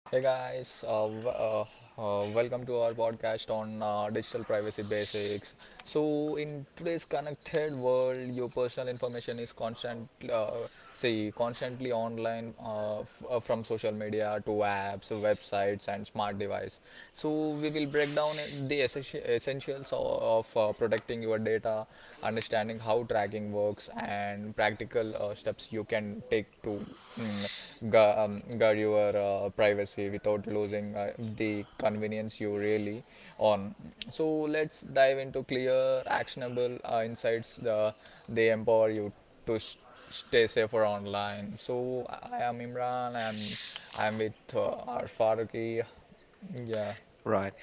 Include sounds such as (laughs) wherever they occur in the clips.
Hey guys, welcome to our podcast on digital privacy basics. So, in today's connected world, your personal information is constantly online, from social media to apps, websites, and smart device. So, we will break down the essentials of protecting your data, understanding how tracking works, and practical steps you can take to mm, guard your privacy without losing the convenience you really on. So let's dive into clear, actionable insights. They empower you to s stay safer online. So I am Imran. I'm with our Faruqi. Yeah, Right.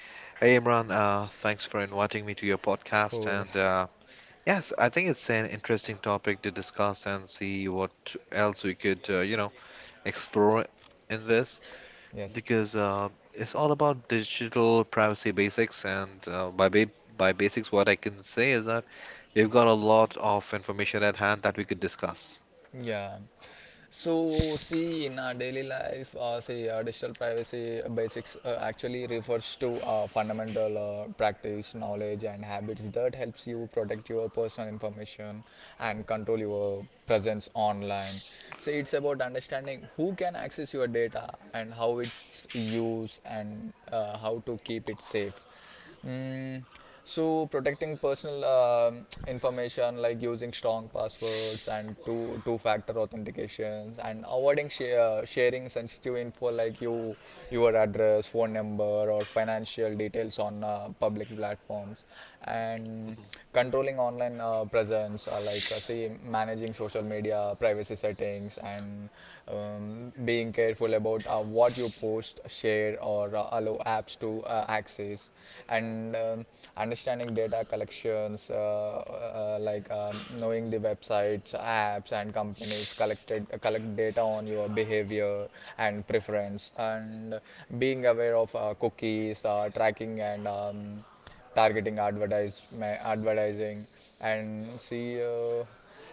Hey, Imran, thanks for inviting me to your podcast. cool. (laughs) And yes, I think it's an interesting topic to discuss and see what else we could, explore in this Yes. because it's all about digital privacy basics. And by basics, what I can say is that we've got a lot of information at hand that we could discuss. Yeah. So, see, in our daily life, digital privacy basics actually refers to fundamental practice, knowledge, and habits that helps you protect your personal information and control your presence online. So, it's about understanding who can access your data and how it's used, and how to keep it safe. Mm, so protecting personal information, like using strong passwords and two-factor authentications, and avoiding sh sharing sensitive info like you your address, phone number, or financial details on public platforms, and controlling online presence, like say managing social media privacy settings, and being careful about what you post, share, or allow apps to access, and understanding data collections, knowing the websites, apps, and companies collect data on your behavior and preference, and being aware of cookies, tracking, and targeting advertise, advertising, and see uh,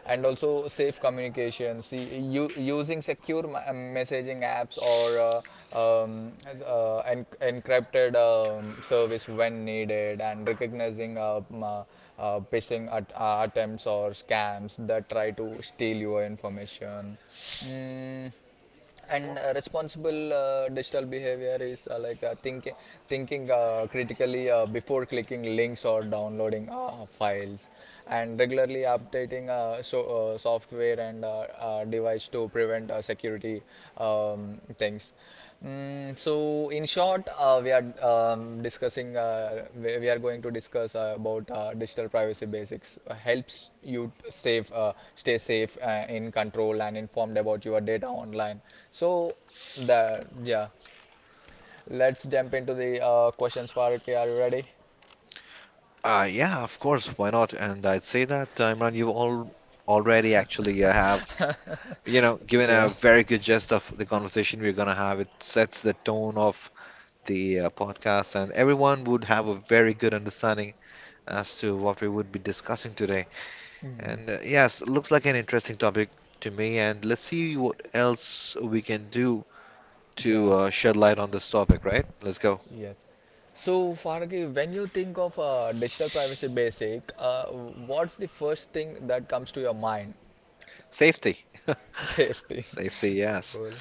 and also safe communications. See, you using secure messaging apps, or um, encrypted service when needed, and recognizing attempts or scams that try to steal your information. Mm, and responsible digital behavior is like thinking critically before clicking links or downloading files, and regularly updating software and device to prevent security things. Mm, so in short, we are going to discuss about digital privacy basics. Helps you t- save stay safe, in control, and informed about your data online. So that, yeah, let's jump into the questions for it. Are you ready? Yeah, of course, why not? And I'd say that, Imran, you all already actually have (laughs) given Yeah. a very good gist of the conversation we're going to have. It sets the tone of the podcast, and everyone would have a very good understanding as to what we would be discussing today. Hmm. Yes, it looks like an interesting topic to me, and let's see what else we can do to Yeah. shed light on this topic. So, Yes. So Faragi, when you think of digital privacy basic, what's the first thing that comes to your mind? safety. (laughs) (laughs) Safety. Safety, (laughs) yes. Cool.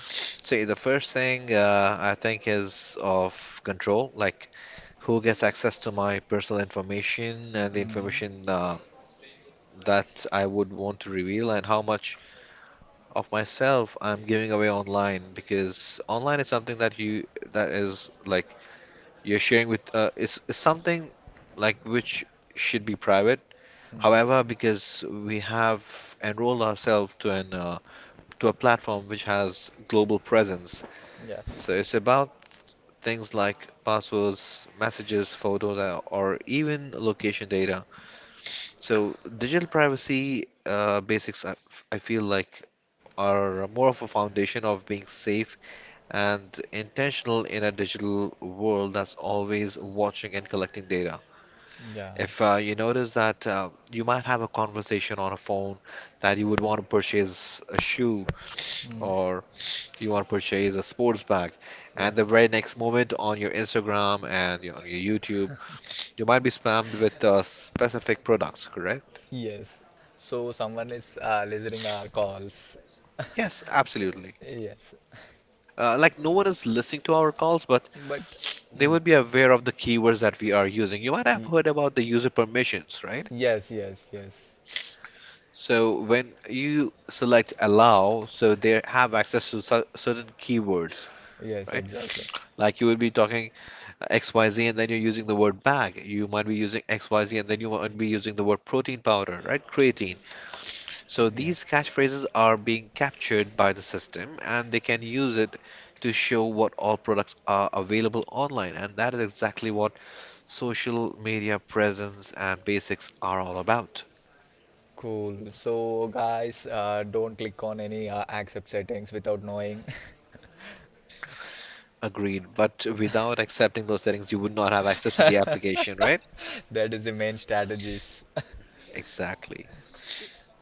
So the first thing I think is of control, like who gets access to my personal information and the Mm. information that I would want to reveal and how much of myself I'm giving away online because online is something that you that is like you're sharing with is something like which should be private. Mm. However, because we have enrolled ourselves to an to a platform which has global presence, Yes. so it's about things like passwords, messages, photos, or even location data. So digital privacy basics, I feel like are more of a foundation of being safe and intentional in a digital world that's always watching and collecting data. Yeah. If you notice that you might have a conversation on a phone that you would want to purchase a shoe Mm. or you want to purchase a sports bag, Yeah. and the very next moment on your Instagram and on your YouTube, you might be spammed with specific products, correct? Yes. So someone is listening our calls. Yes, absolutely. (laughs) Yes. Like no one is listening to our calls, but But they mm, would be aware of the keywords that we are using. You might have y- heard about the user permissions, right? yes, yes, yes, So when you select allow, so they have access to certain keywords, yes, right? exactly. Like you would be talking XYZ and then you're using the word bag. You might be using XYZ and then you might be using the word protein powder, right? Creatine. So Yeah, these catchphrases are being captured by the system and they can use it to show what all products are available online. And that is exactly what social media presence and basics are all about. cool. So, guys, don't click on any accept settings without knowing. Agreed. But without accepting those settings, you would not have access to the application, right? (laughs) That is the main strategies. (laughs) Exactly.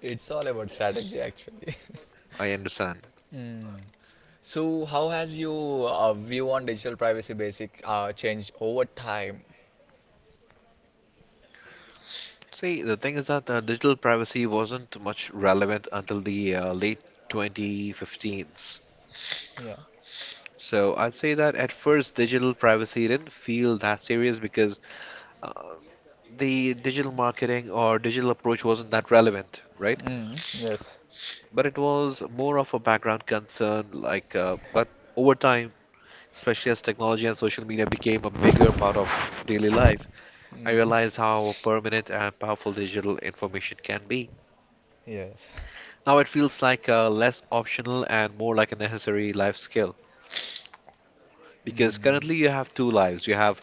It's all about strategy, actually. (laughs) I understand. Mm. So, how has your view on digital privacy basic changed over time? See, the thing is that digital privacy wasn't much relevant until the late 2015s. Yeah. So I'd say that at first, digital privacy didn't feel that serious because uh, the digital marketing or digital approach wasn't that relevant, right? Mm. Yes. But it was more of a background concern. But over time, especially as technology and social media became a bigger part of daily life, I Mm. realized how permanent and powerful digital information can be. (laughs) Yes. Now it feels like less optional and more like a necessary life skill because Mm. currently you have two lives. You have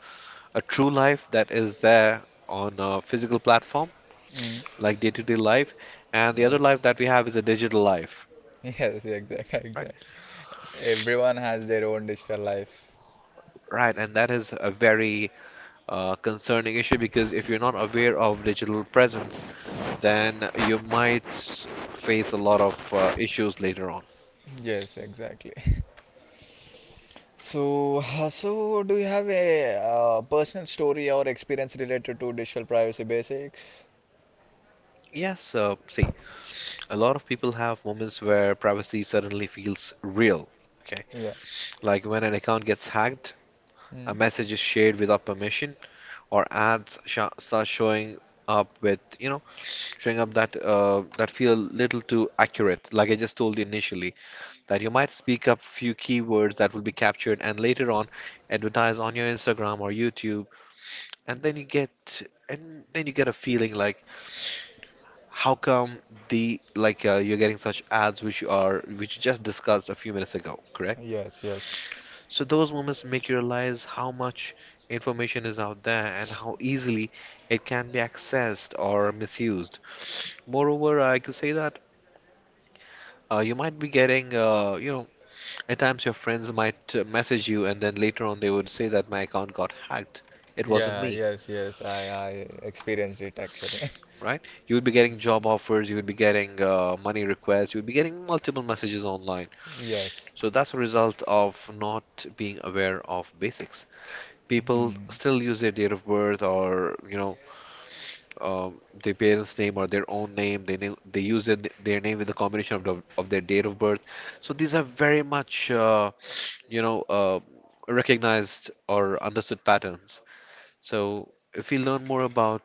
a true life that is there on a physical platform, Mm. like day to day life, and the other life Yes. that we have is a digital life. (laughs) Yes. Exactly. Right, Exactly. Everyone has their own digital life. right, and that is a very concerning issue because if you're not aware of digital presence, then you might face a lot of issues later on. Yes, exactly. (laughs) So, so do you have a personal story or experience related to digital privacy basics? Yes, see, a lot of people have moments where privacy suddenly feels real. Okay, Yeah. like when an account gets hacked, a Mm. message is shared without permission, or start showing up with showing up that that feel little too accurate. Like I just told you initially, that you might speak up few keywords that will be captured and later on advertise on your Instagram or YouTube and then you get and then you get a feeling like how come the like you're getting such ads which you just discussed a few minutes ago, correct? Yes, yes. So those moments make you realize how much information is out there and how easily it can be accessed or misused. Moreover, I could say that you might be getting at times, your friends might message you, and then later on, they would say that my account got hacked. It wasn't Yeah, me, yes, yes. I experienced it actually. right? You would be getting job offers, you would be getting money requests, you would be getting multiple messages online. (laughs) Yes. So that's a result of not being aware of basics. People Hmm. still use their date of birth or their parents' name or their own name. They use their name with a combination of of their date of birth. So these are very much you know. Uh, recognized or understood patterns. So, if we learn more about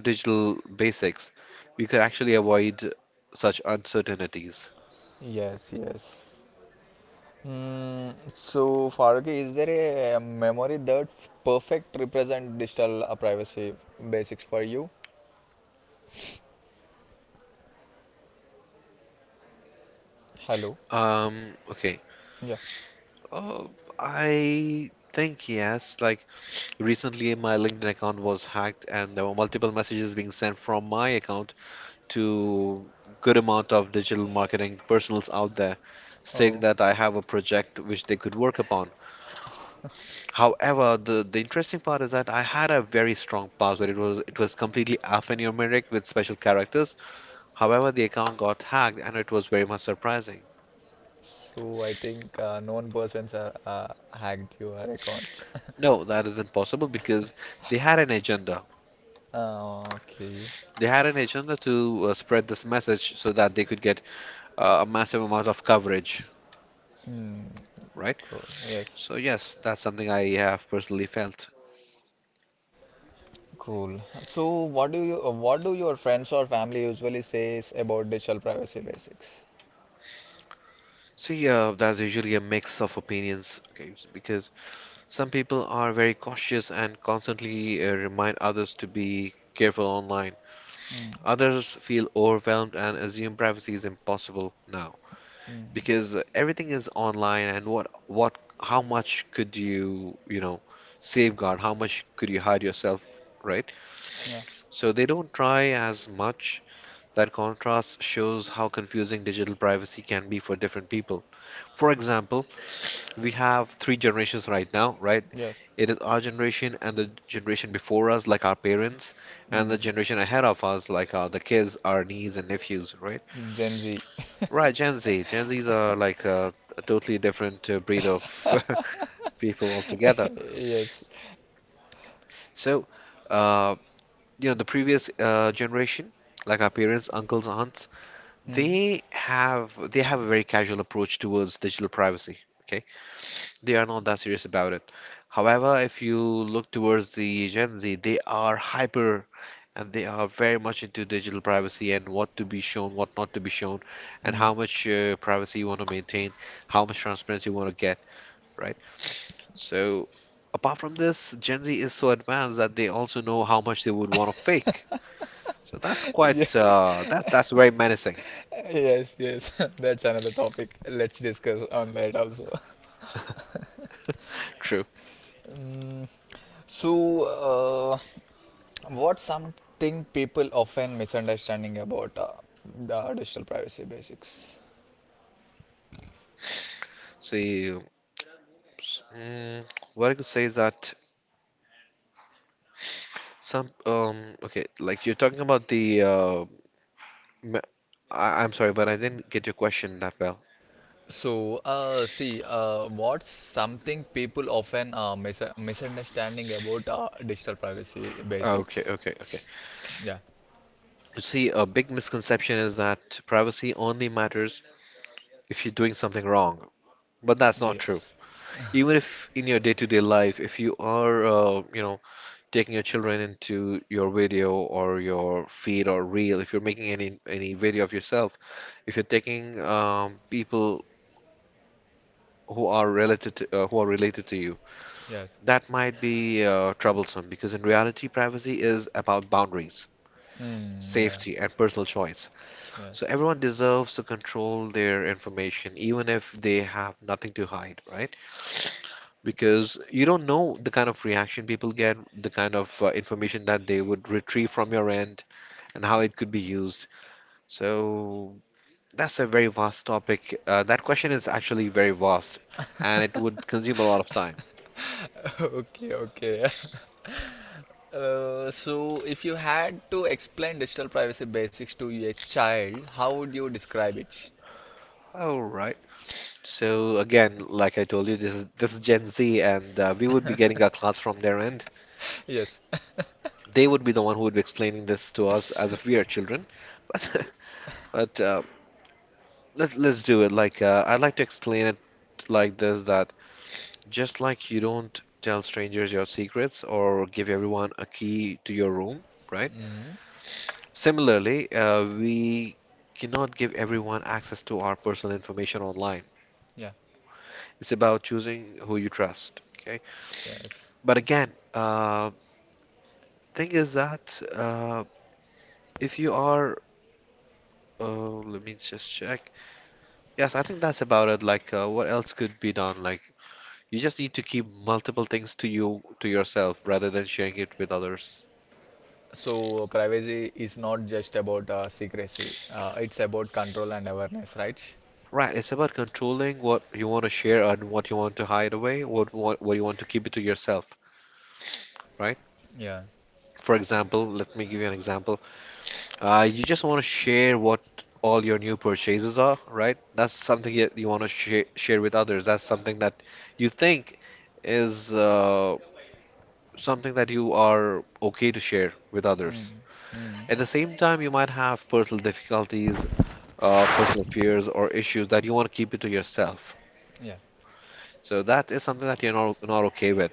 digital basics, we could actually avoid such uncertainties. Yes, yes. Mm, so, Farooqi, is there a memory that perfect represent digital privacy basics for you? Hello. Okay. Yeah. Uh, I think yes. Like recently, my LinkedIn account was hacked, and there were multiple messages being sent from my account to good amount of digital marketing personals out there, saying Oh. that I have a project which they could work upon. However, the interesting part is that I had a very strong password. It was completely alphanumeric with special characters. However, the account got hacked, and it was very much surprising. So I think known persons are hacked your account. (laughs) No, that is impossible because they had an agenda. Okay. They had an agenda to spread this message so that they could get a massive amount of coverage, Hmm. right? Cool. Yes. So yes, that's something I have personally felt. Cool. So what do you what do your friends or family usually says about digital privacy basics? See, that's usually a mix of opinions, okay? Because some people are very cautious and constantly remind others to be careful online. Hmm. Others feel overwhelmed and assume privacy is impossible now Hmm. because everything is online and what how much could you, you know, safeguard? How much could you hide yourself, right? Yeah. So they don't try as much. That contrast shows how confusing digital privacy can be for different people. For example, we have three generations right now, right? Yes. It is our generation and the generation before us, like our parents, and Hmm. the generation ahead of us, like the kids, our nieces and nephews, right? Gen Z. Right, Gen Z. Gen Zs are like a totally different breed of (laughs) (laughs) people altogether. Yes. So, uh, the previous generation, like our parents, uncles, aunts, Hmm. They have a very casual approach towards digital privacy. Okay, they are not that serious about it. However, if you look towards the Gen Z, they are hyper and they are very much into digital privacy and what to be shown, what not to be shown, and Hmm. how (laughs) much privacy you want to maintain, how much transparency you want to get, right? So, apart from this, Gen Z is so advanced that they also know how much they would want to fake. So that's Yeah. quite that's very menacing. Yes, yes. (laughs) That's another topic. Let's discuss on that also. (laughs) True. Mm, so, uh, what's something people often misunderstanding about the digital privacy basics? So, s- mm, what I could say is that some um okay, like you're talking about the me- I'm sorry, but I didn't get your question that well. So, what's something people often misunderstanding about digital privacy Okay, basics? okay, okay. Yeah. You see, a big misconception is that privacy only matters if you're doing something wrong, but that's not true. Yes. Even if in your day-to-day life, if you are, taking your children into your video or your feed or reel, if you're making any video of yourself, if you're taking people who are related to, who are related to you, Yes. that might be troublesome because in reality, privacy is about boundaries, Mm, yeah. safety, and personal choice. Yeah. So everyone deserves to control their information, even if they have nothing to hide, right? Because you don't know the kind of reaction people get, the kind of information that they would retrieve from your end, and how it could be used. So that's a very vast topic. That question is actually very vast, and it would consume a lot of time. (laughs) Okay. Okay. (laughs) So, if you had to explain digital privacy basics to a child, how would you describe it? All right. So again, like I told you, this is Gen Z, and we would be getting our (laughs) class from their end. Yes. (laughs) They would be the one who would be explaining this to us as if we are children. (laughs) But, but let's do it. Like I'd like to explain it like this: that just like you don't tell strangers your secrets or give everyone a key to your room, right? Mm, Similarly, we cannot give everyone access to our personal information online. yeah. It's about choosing who you trust. Okay, Yes, but again, thing is that if you are, let me just check. Yes, I think that's about it. What else could be done? You just need to keep multiple things to yourself rather than sharing it with others. so privacy is not just about secrecy, it's about control and awareness, right? Right, it's about controlling what you want to share and what you want to hide away, what you want to keep it to yourself, right? Yeah. For example, let me give you an example. You just want to share what all your new purchases are, right? That's something that you want to share with others. That's something that you think is something that you are okay to share with others. Mm, mm, At the same time, you might have personal difficulties, personal fears, or issues that you want to keep it to yourself. yeah. So that is something that you're not okay with.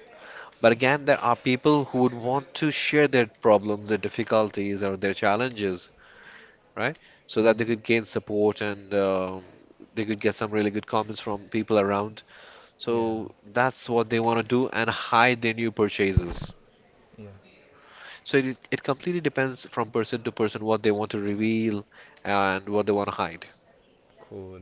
But again, there are people who would want to share their problems, their difficulties, or their challenges, right? So that they Mm, could gain support and they could get some really good comments from people around. yeah, So that's what they want to do and hide their new purchases. yeah, So it completely depends from person to person what they want to reveal and what they want to hide. cool.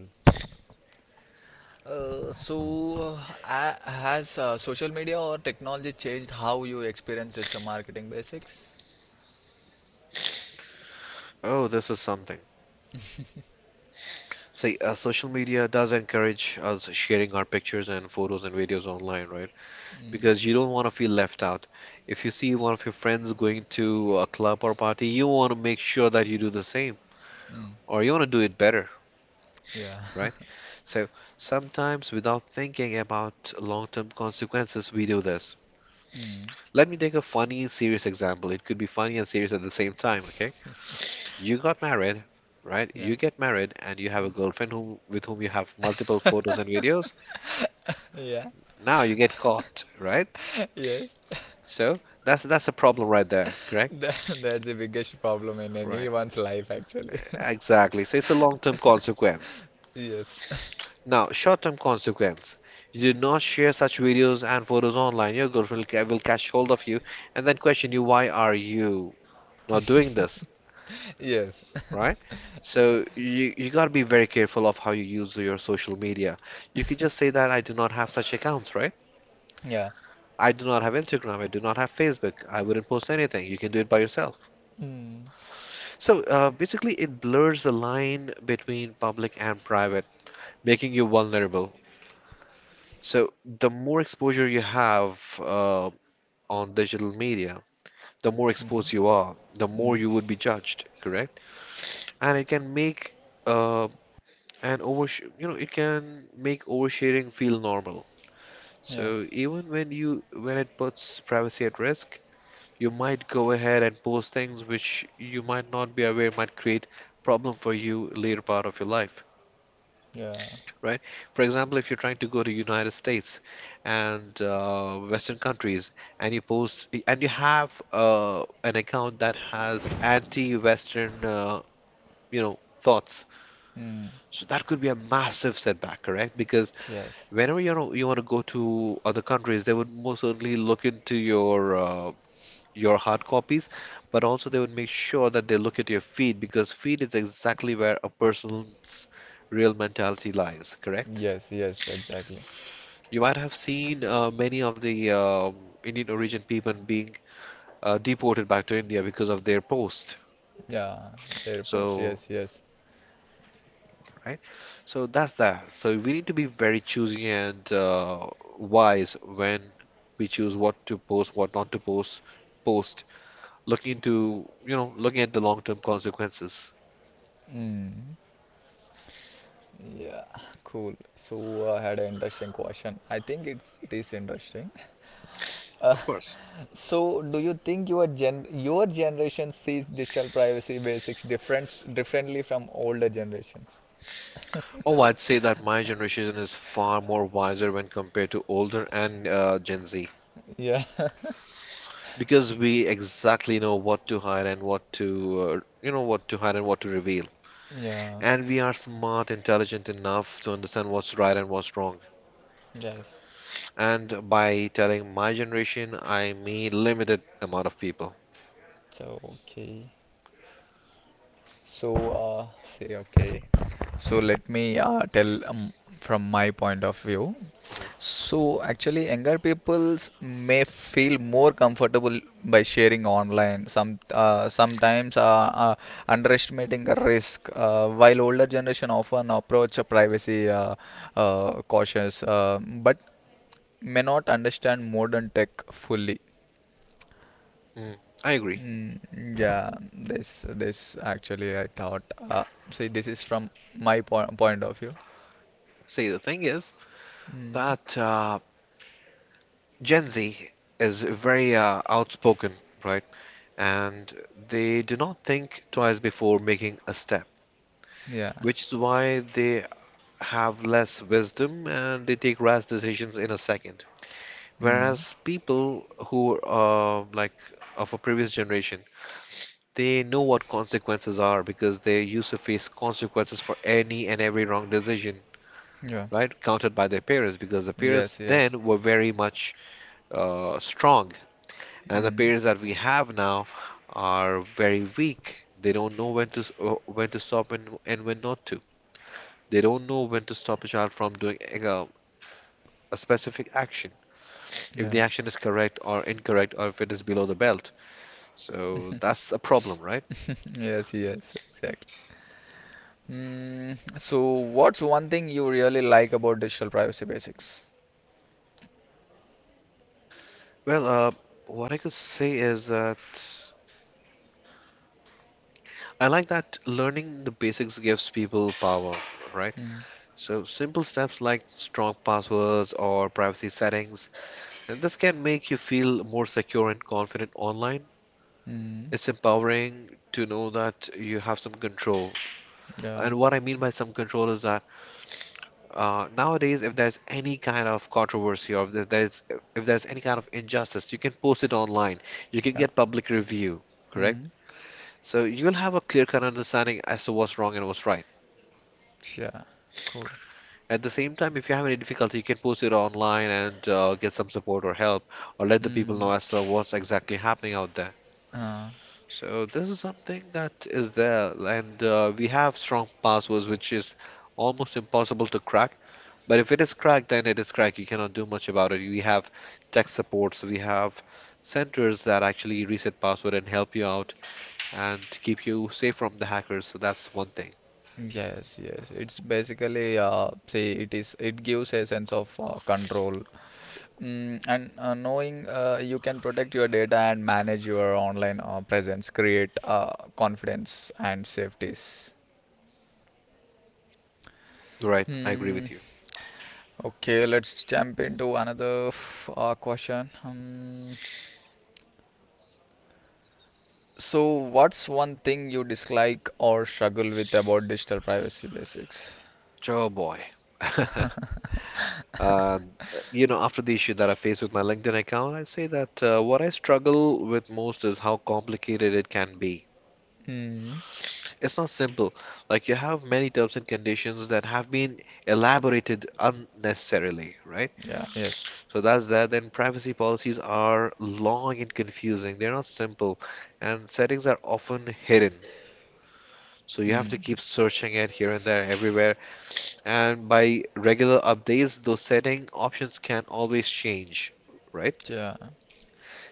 uh, so uh, has social media or technology changed how you experience such a marketing basics? Oh, this is something. See, social media does encourage us sharing our pictures and photos and videos online, right? Mm, Because you don't want to feel left out. If you see one of your friends going to a club or party, you want to make sure that you do the same, mm, or you want to do it better, yeah. right? So sometimes without thinking about long term consequences, we do this. (laughs) Mm, Let me take a funny and serious example. It could be funny and serious at the same time, okay? You got married, right? yeah, You get married and you have a girlfriend whom, with whom you have multiple photos and videos. yeah. Now you get caught, right? (laughs) Yes. So that's a problem right there, (laughs) correct? That, that's the biggest problem in Right. anyone's life, actually. Exactly. So it's a long-term consequence. (laughs) Yes. Now, short-term consequence. You do not share such videos and photos online. Your girlfriend will will catch hold of you and then question you, why are you not doing this, (laughs) Yes. right? (laughs) So you got to be very careful of how you use your social media. You could just say that I do not have such accounts, right? Yeah. I do not have Instagram. I do not have Facebook. I wouldn't post anything. You can do it by yourself. Mm. So basically, it blurs the line between public and private, making you vulnerable. So the more exposure you have uh, on digital media, the more exposed you are, the more Mm. you would be judged, correct? And it can make uh, an over, you know, it can make oversharing feel normal. Yeah. So even when you when it puts privacy at risk, you might go ahead and post things which you might not be aware might create problem for you later part of your life, Yeah. right? For example, if you're trying to go to United States and western countries, and you post and you have an account that has anti-western you know thoughts, Mm. so that could be a massive setback, correct? Because Yes. whenever, you know, you want to go to other countries, they would most certainly look into your hard copies, but also they would make sure that they look at your feed, because feed is exactly where a person's real mentality lies, correct? Yes. Yes. Exactly. You might have seen many of the Indian origin people being deported back to India because of their post. Yeah. Airports. So, Yes. Yes. right? So that's that. So we need to be very choosy and wise when we choose what to post, what not to post, looking into, you know, looking at the long-term consequences, Mm. Yeah. Cool. So I had an interesting question. I think it is interesting. Uh, of course. (laughs) so, do you think your gen your generation sees digital privacy basics differently from older generations? (laughs) Oh, I'd say that my generation is far more wiser when compared to older and Gen Z, Yeah, (laughs) because we exactly know what to hide and what to what to hide and what to reveal. yeah, And we are smart, intelligent enough to understand what's right and what's wrong. yes. And by telling my generation, I mean limited amount of people. So, okay. So, say okay. So let me tell from my point of view. Mm-hmm. So actually, younger peoples may feel more comfortable by sharing online. Sometimes uh, underestimating a risk, while older generation often approach a privacy cautious, but may not understand modern tech fully. Mm, I agree. Mm, yeah, this actually I thought. Uh, see, this is from my po point of view. See, the thing is Mm, that Gen Z is very outspoken, right? And they do not think twice before making a step, yeah. which is why they have less wisdom and they take rash decisions in a second. Mm, Whereas people who are like of a previous generation, they know what consequences are because they used to face consequences for any and every wrong decision, yeah. right? Counted by their parents, because the parents Yes. Yes. then were very much strong, and the Mm, parents that we have now are very weak. They don't know when to when to stop and when not to. They don't know when to stop a child from doing like, a specific action, if the yeah. action is correct or incorrect or if it is below the belt. So (laughs) that's a problem, right? (laughs) Yes, yes, exactly. Mm, so, what's one thing you really like about digital privacy basics? Well, what I could say is that I like that learning the basics gives people power, right? Mm, So simple steps like strong passwords or privacy settings. And this can make you feel more secure and confident online. mm, It's empowering to know that you have some control. yeah, And what I mean by some control is that nowadays, if there's any kind of controversy, or if there- there's if there's any kind of injustice, you can post it online. You can yeah, get public review, correct? mm, So you'll have a clear cut understanding as to what's wrong and what's right. yeah, cool. At the same time, if you have any difficulty, you can post it online and get some support or help, or let the people Mm, know as to what's exactly happening out there. uh, So this is something that is there, and we have strong passwords, which is almost impossible to crack. But if it is cracked, then it is cracked. You cannot do much about it. We have tech supports, we have centers that actually reset password and help you out and keep you safe from the hackers. So that's one thing. yes, yes. It's basically, say it is, it gives a sense of control. Mm, and knowing you can protect your data and manage your online presence, create confidence and safeties. Right, I agree Hmm. with you. Okay, let's jump into another question. So, what's one thing you dislike or struggle with about digital privacy basics? Oh boy. (laughs) (laughs) Uh, you know, after the issue that I faced with my LinkedIn account, I say that what I struggle with most is how complicated it can be. Mm, It's not simple. Like you have many terms and conditions that have been elaborated unnecessarily, right? yeah, yes. So that's that. Then privacy policies are long and confusing. They're not simple, and settings are often hidden. So you have to Mm, keep searching it here and there, everywhere. And by regular updates, those setting options can always change, right? yeah.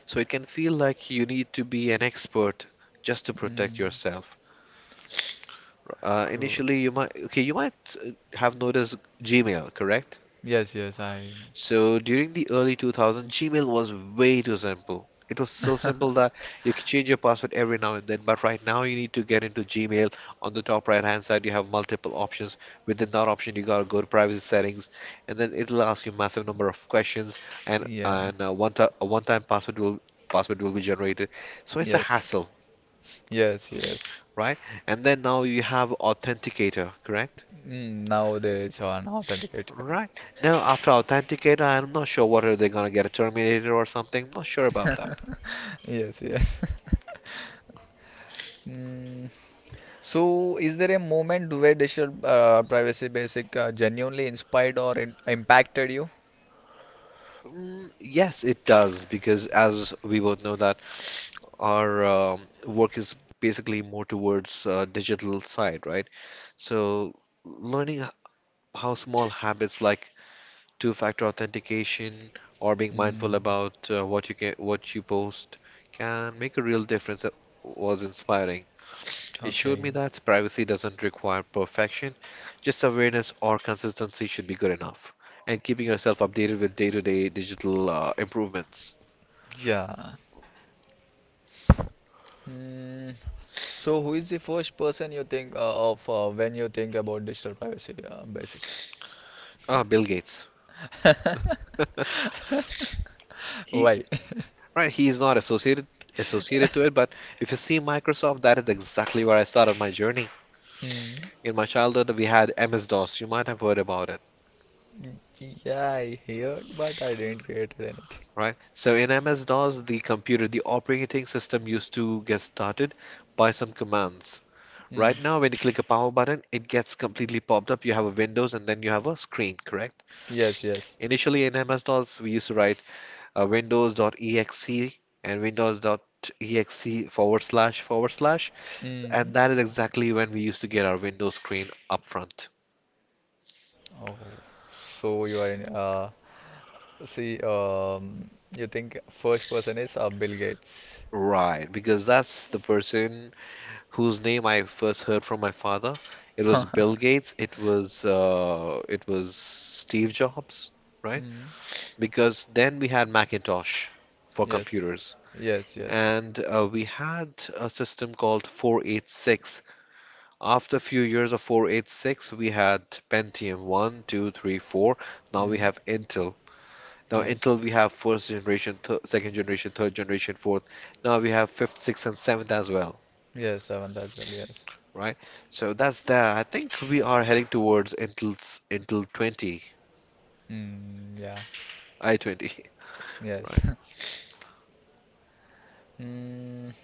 So it can feel like you need to be an expert just to protect Mm, yourself. Cool. Initially, you might okay, you might have noticed Gmail, correct? Yes, yes, I. So during the early 2000s, Gmail was way too simple. It was so simple that you could change your password every now and then, but right now you need to get into Gmail. On the top right-hand side, you have multiple options. Within that option, you gotta go to privacy settings, and then it'll ask you massive number of questions, and Yeah, one time a one-time password will be generated. So it's a yes, hassle, yes, yes. right? And then now you have Authenticator, correct? Mm, nowadays, you are an authenticator. Right. Now, after Authenticator, I'm not sure what are they gonna get, a Terminator or something. I'm not sure about that. (laughs) Yes, yes. (laughs) Mm, so, is there a moment where digital privacy basic genuinely inspired or in impacted you? Mm, yes, it does, because as we both know that our work is basically more towards digital side, right? So learning h- how small habits like two-factor authentication or being mindful Mm, about what you post can make a real difference, was inspiring. It showed me okay. that privacy doesn't require perfection, just awareness or consistency should be good enough. And keeping yourself updated with day to day digital improvements. Yeah. Mm, so, who is the first person you think of when you think about digital privacy basics? Ah, Bill Gates. (laughs) He Why? right, he is not associated to (laughs) it, but if you see Microsoft, that is exactly where I started my journey. Mm, In my childhood, we had MS DOS. You might have heard about it, yeah, I heard, but I didn't create anything. right? So in MS DOS, the computer, the operating system used to get started by some commands. Mm, Right now, when you click a power button, it gets completely popped up. You have a windows and then you have a screen, correct? yes, yes. Initially in MS DOS, we used to write windows.exe and windows.exe forward slash forward slash. Mm. And that is exactly when we used to get our Windows screen up front. Oh, so you are in. See, you think first person is Bill Gates. Right, because that's the person whose name I first heard from my father. It was (laughs) Bill Gates. It was Steve Jobs, right? Mm, Because then we had Macintosh for yes, computers. yes, yes. And we had a system called 486. After a few years of 486 we had pentium one, 2, 3, 4. Now we Mm, have Intel. Now yes, Intel, we have first generation second generation, third generation, fourth. Now we have fifth, sixth, and seventh as well, yes, seventh as well, yes. right? So that's that. I think we are heading towards Intel's Intel 20, Mm, yeah, i20. (laughs) yes. Right? (laughs) Mm,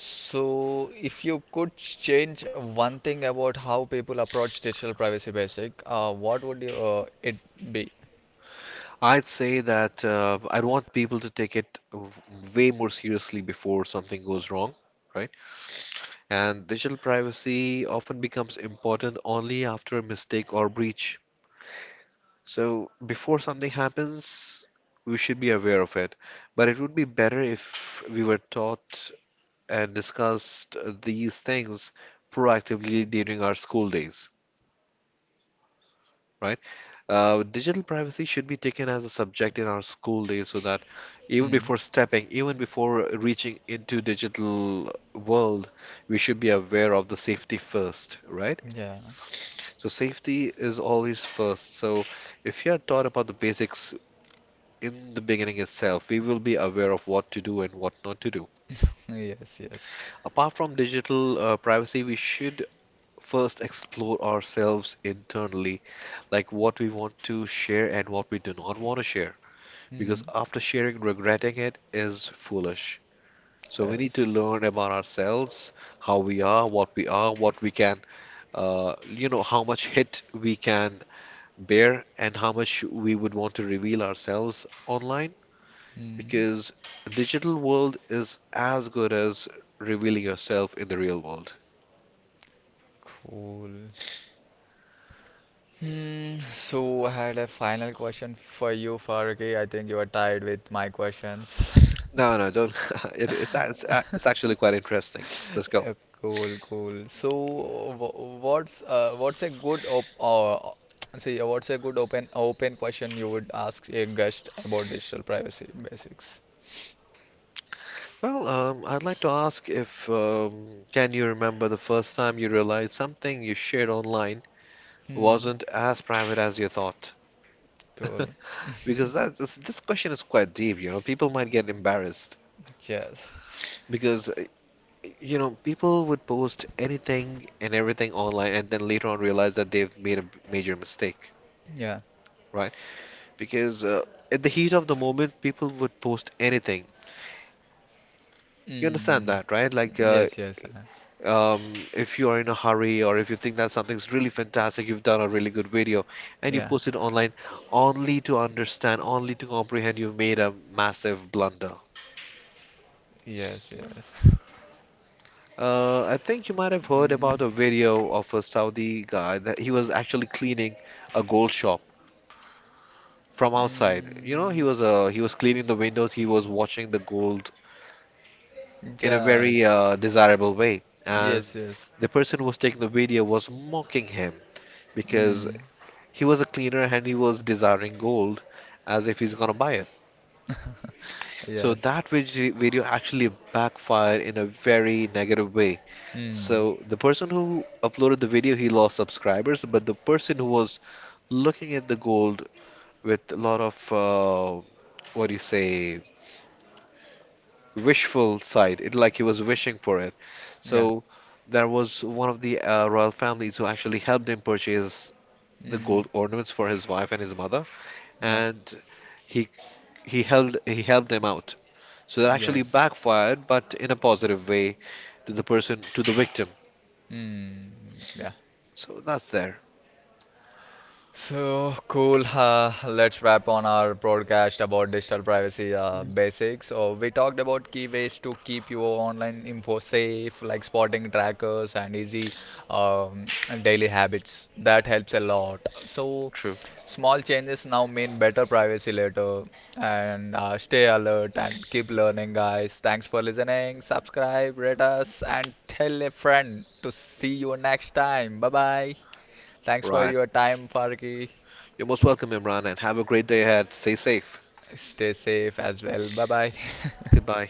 so, if you could change one thing about how people approach digital privacy basic, what would it be? I'd say that I'd want people to take it way more seriously before something goes wrong, right? And digital privacy often becomes important only after a mistake or breach. So before something happens, we should be aware of it. But it would be better if we were taught and discussed these things proactively during our school days, right? Digital privacy should be taken as a subject in our school days so that Mm, even before reaching into digital world, we should be aware of the safety first, right? yeah. So safety is always first. So if you are taught about the basics in the beginning itself, we will be aware of what to do and what not to do. (laughs) Yes, yes. Apart from digital privacy, we should first explore ourselves internally, like what we want to share and what we do not want to share. Because Mm, after sharing, regretting it is foolish. So we need to yes. learn about ourselves, how we are, what we are, what we can, how much hit we can bear and how much we would want to reveal ourselves online, Mm, because the digital world is as good as revealing yourself in the real world. cool. Hmm, so I had a final question for you, Faruqi. I think you are tired with my questions. (laughs) No, no, don't. (laughs) it, it's a- it's actually quite interesting. Let's go. Uh, cool, cool. So, what's a good what's a good open question you would ask a guest about digital privacy basics? Well, I'd like to ask if can you remember the first time you realized something you shared online Hmm, wasn't as private as you thought? cool. Because (laughs) this question is quite deep. You know, people might get embarrassed Yes. because, you know, people would post anything and everything online and then later on realize that they've made a major mistake, Yeah. right? Because at the heat of the moment, people would post anything. You understand Mm. that, right? Yes, yes, um, if you are in a hurry or if you think that something's really fantastic, you've done a really good video and you yeah. post it online only to understand, only to comprehend you've made a massive blunder. Yes, yes. (laughs) I think you might have heard Mm. about a video of a Saudi guy that he was actually cleaning a gold shop from outside. You know, Mm. He was cleaning the windows. He was watching the gold in a Yeah, very desirable way, and yes, yes. the person who was taking the video was mocking him because Mm, he was a cleaner and he was desiring gold as if he's gonna buy it. So yes. that video actually backfired in a very negative way. Mm, So the person who uploaded the video, he lost subscribers, but the person who was looking at the gold with a lot of what do you say wishful side. It like he was wishing for it. yeah. So there was one of the royal families who actually helped him purchase the Mm, gold ornaments for his wife and his mother, yeah. and he he helped him out. So that actually Yes. backfired, but in a positive way, to the person to the victim. Mm, yeah. So that's there. So cool. Let's wrap on our broadcast about digital privacy basics. So we talked about key ways to keep your online info safe, like spotting trackers and easy um, daily habits. That helps a lot. So True. small changes now mean better privacy later. And stay alert and keep learning, guys. Thanks for listening. Subscribe, rate us, and tell a friend. To see you next time. Bye bye. Thanks for Right. your time, Farki. You're most welcome, Imran, and have a great day ahead. Stay safe. Stay safe as well. Bye bye. (laughs) Goodbye.